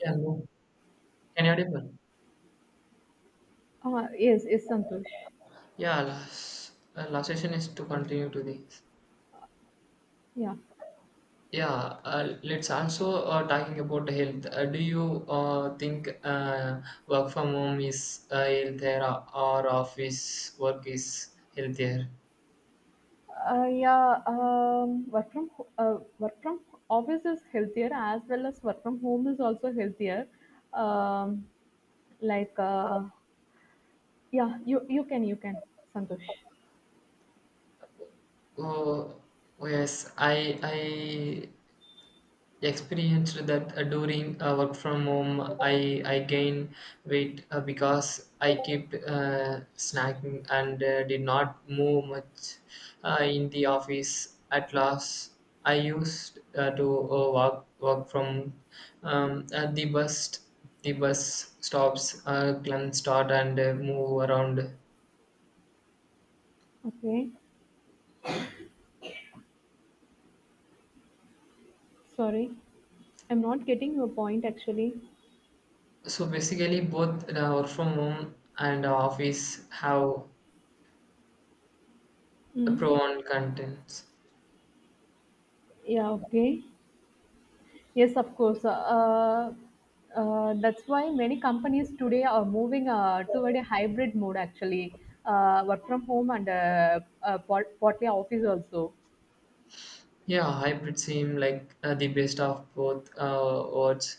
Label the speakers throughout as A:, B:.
A: Yeah, hello. Can you audible?
B: Yes, yes, Santosh.
A: Yeah, last, last session is to continue to this.
B: Yeah,
A: Yeah, let's also talking about health. Do you think work from home is healthier or office work is healthier?
B: yeah. Work from office is healthier as well as work from home is also healthier. Um, like uh, yeah, you can you can. Santosh.
A: Oh, yes, I experienced that during work from home I gained weight because I kept snacking and did not move much in the office at last I used to walk from at the bus stops can start and move around
B: Okay, sorry, I'm not getting your point actually.
A: so basically both work from home and office have pro
B: Mm.
A: and contents.
B: Yeah, okay. Yes, of course. That's why many companies today are moving toward a hybrid mode actually, work from home and partly office also.
A: Yeah, hybrid seem like the best of both worlds.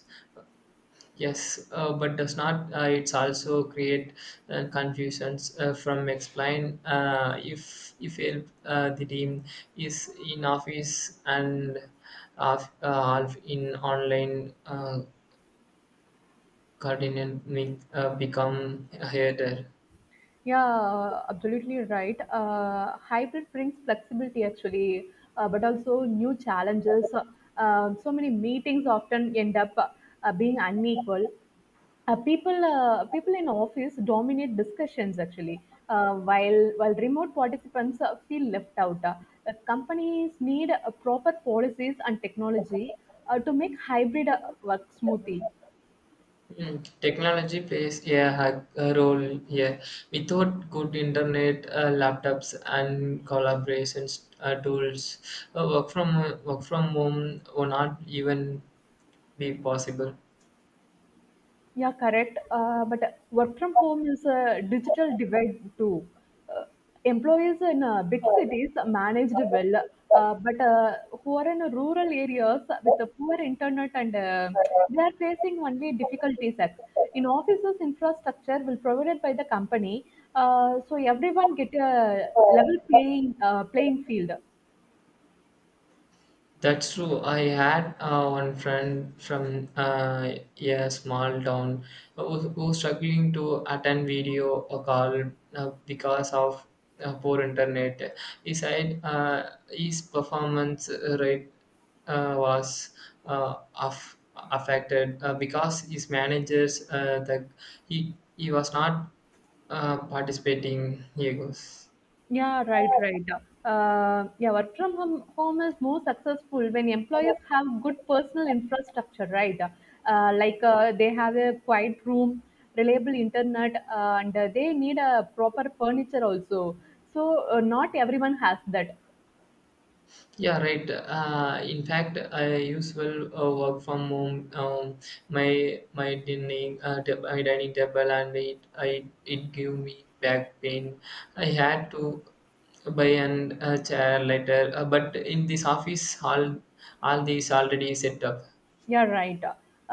A: Yes, but does not it's also create confusions from explain if help the team is in office and half half in online, continent may become harder.
B: Yeah, absolutely right. Hybrid brings flexibility actually, but also new challenges. So many meetings often end up being unequal. People in office dominate discussions actually, while remote participants feel left out. Companies need proper policies and technology to make hybrid work smoothly.
A: Mm, technology plays a, a role here. Without good internet, laptops, and collaborations tools, work from home would not even be possible.
B: Yeah, correct. But work from home is a digital divide too. Uh, Employees in big cities managed well, but who are in rural areas with the poor internet and they are facing only difficulties. In offices, infrastructure will provided by the company, so everyone get a level playing field.
A: That's true. I had one friend from a small town who struggling to attend video or call because of poor internet. He said his performance rate was uh, aff- affected because his managers the he was not participating. He goes.
B: Yeah, right, right. Yeah, Work from home is more successful when employees have good personal infrastructure, right? They have a quiet room, reliable internet, and they need a proper furniture also. So not everyone has that.
A: Yeah, right. In fact, I usually work from home. My dining my dining table and it I it gave me back pain. I had to buy an a chair later. But in this office, all these already set up.
B: Yeah, right.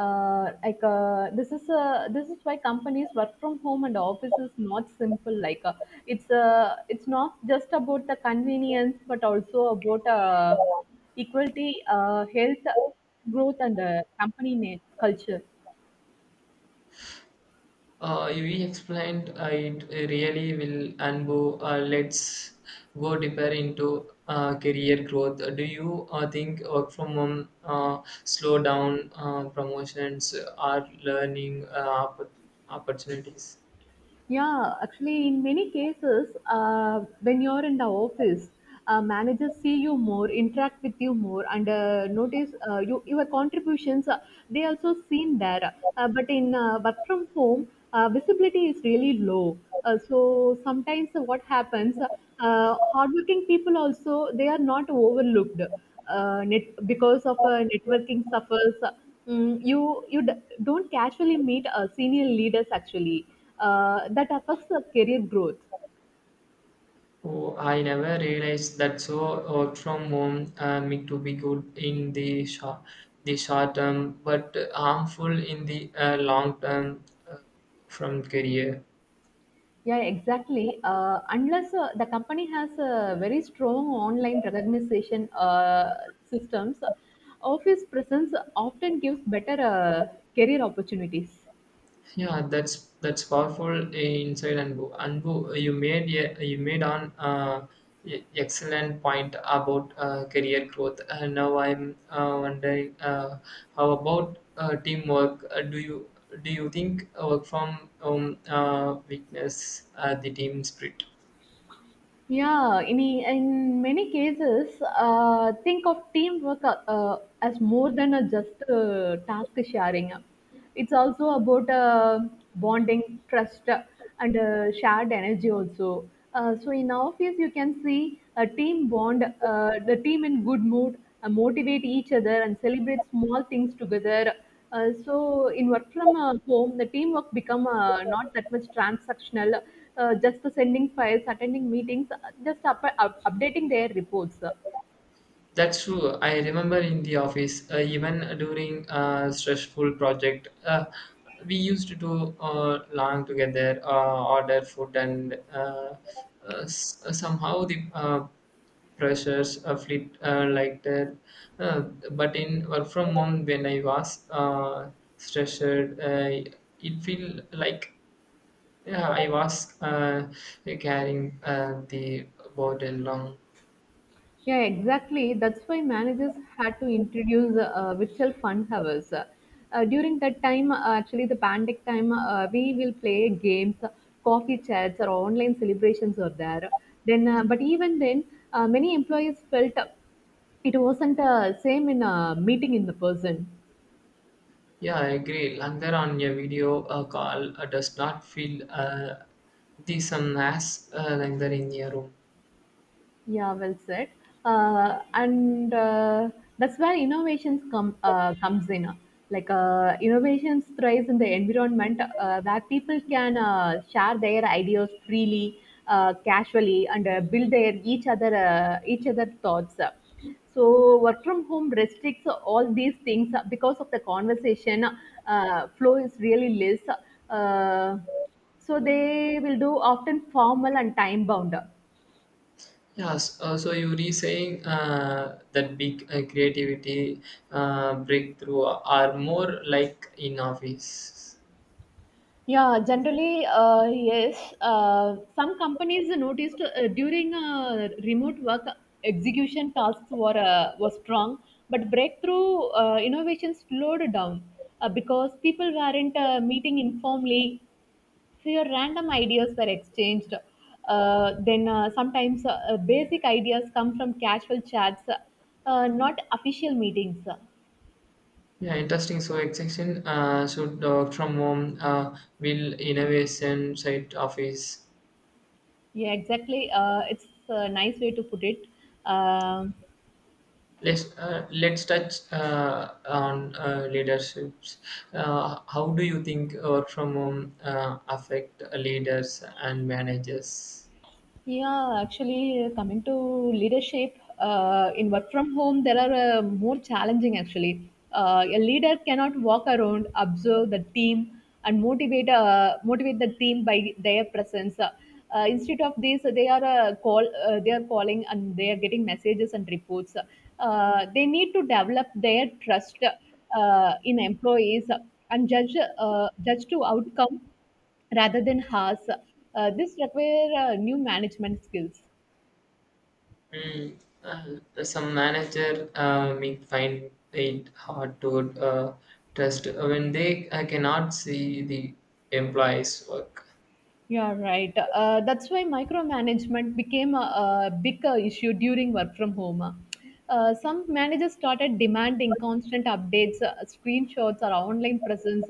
B: This is why companies work from home and office is not simple. It's not just about the convenience, but also about equality, health, growth, and culture.
A: You explained it really will, and Bo, let's go deeper into career growth. Do you think work from home, slow down promotions or learning opportunities?
B: Yeah, actually, in many cases, when you're in the office, managers see you more, interact with you more, and notice you, your contributions. They also seen there, but in work from home, visibility is really low. So sometimes what happens, hardworking people also they are not overlooked because of networking suffers. Mm, don't casually meet senior leaders actually. That affects the career growth.
A: Oh, I never realized that. So work from home meant to be good in the short term, but harmful in the long term uh, from career.
B: Yeah, exactly. Unless the company has a very strong online recognition systems, office presence often gives better career opportunities.
A: Yeah, that's powerful, inside Anbu. Anbu, eh, you made on excellent point about career growth. And now I'm wondering how about teamwork? Do you think work from weakness the team spirit?
B: Yeah, in many cases, think of teamwork as more than a just task sharing. It's also about bonding, trust, and shared energy also. So in office, you can see a team bond, the team in good mood, motivate each other, and celebrate small things together. So in work from home, the teamwork become not that much transactional. Just the sending files, attending meetings, just updating their reports.
A: That's true. I remember in the office, even during a stressful project, we used to do long together, order food, and somehow the pressures fleet like that. Uh, but in work from home, when I was stressed, it feel like yeah, I was carrying the burden long.
B: Yeah, exactly. That's why managers had to introduce virtual fun hours. During that time, actually, the pandemic time, we will play games, coffee chats, or online celebrations are there. Then, but even then, many employees felt it wasn't same in a meeting in the person.
A: Yeah, I agree. Langer on a video call does not feel the same as Langer in a room.
B: Yeah, well said. And That's where innovations comes in. Innovations thrives in the environment where people can share their ideas freely, casually, and build their each other thoughts. So work from home restricts all these things because of the conversation flow is really less. Uh, so they will do often formal and time bound.
A: Yes, so you were saying that big creativity breakthrough are more like in office.
B: Yeah, generally, yes. Some companies noticed during remote work execution tasks were strong, but breakthrough innovations slowed down because people weren't meeting informally. So your random ideas were exchanged. Then sometimes Basic ideas come from casual chats, not official meetings.
A: Yeah, interesting. So extension should from home will innovation side office.
B: Yeah, exactly. It's a nice way to put it. Um
A: Let's touch on leaderships. How do you think work from home affect leaders and managers?
B: Yeah, actually, coming to leadership in work from home, there are more challenging actually. A leader cannot walk around, observe the team, and motivate the team by their presence. Instead of this, they are calling and they are getting messages and reports. They need to develop their trust in employees and judge to outcome rather than Haas. This require new management skills.
A: Mm, some manager may find it hard to trust when they cannot see the employees' work.
B: Yeah, right. That's why micromanagement became a big issue during work from home. Some managers started demanding constant updates, screenshots, or online presence.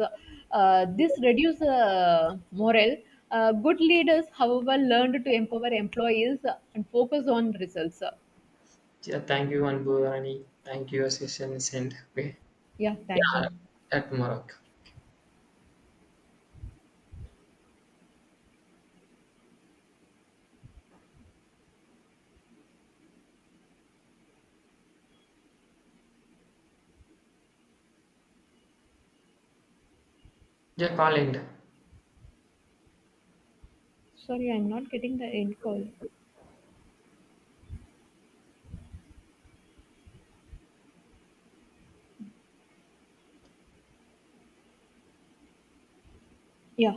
B: This reduced morale. Good leaders, however, learned to empower employees and focus on results.
A: Yeah, thank you, Anbu Rani. Thank you, Assistant Send. Okay.
B: Yeah, thank
A: Yeah,
B: you.
A: at tomorrow. Yeah, call end.
B: Sorry, I'm not getting the end call. Yeah.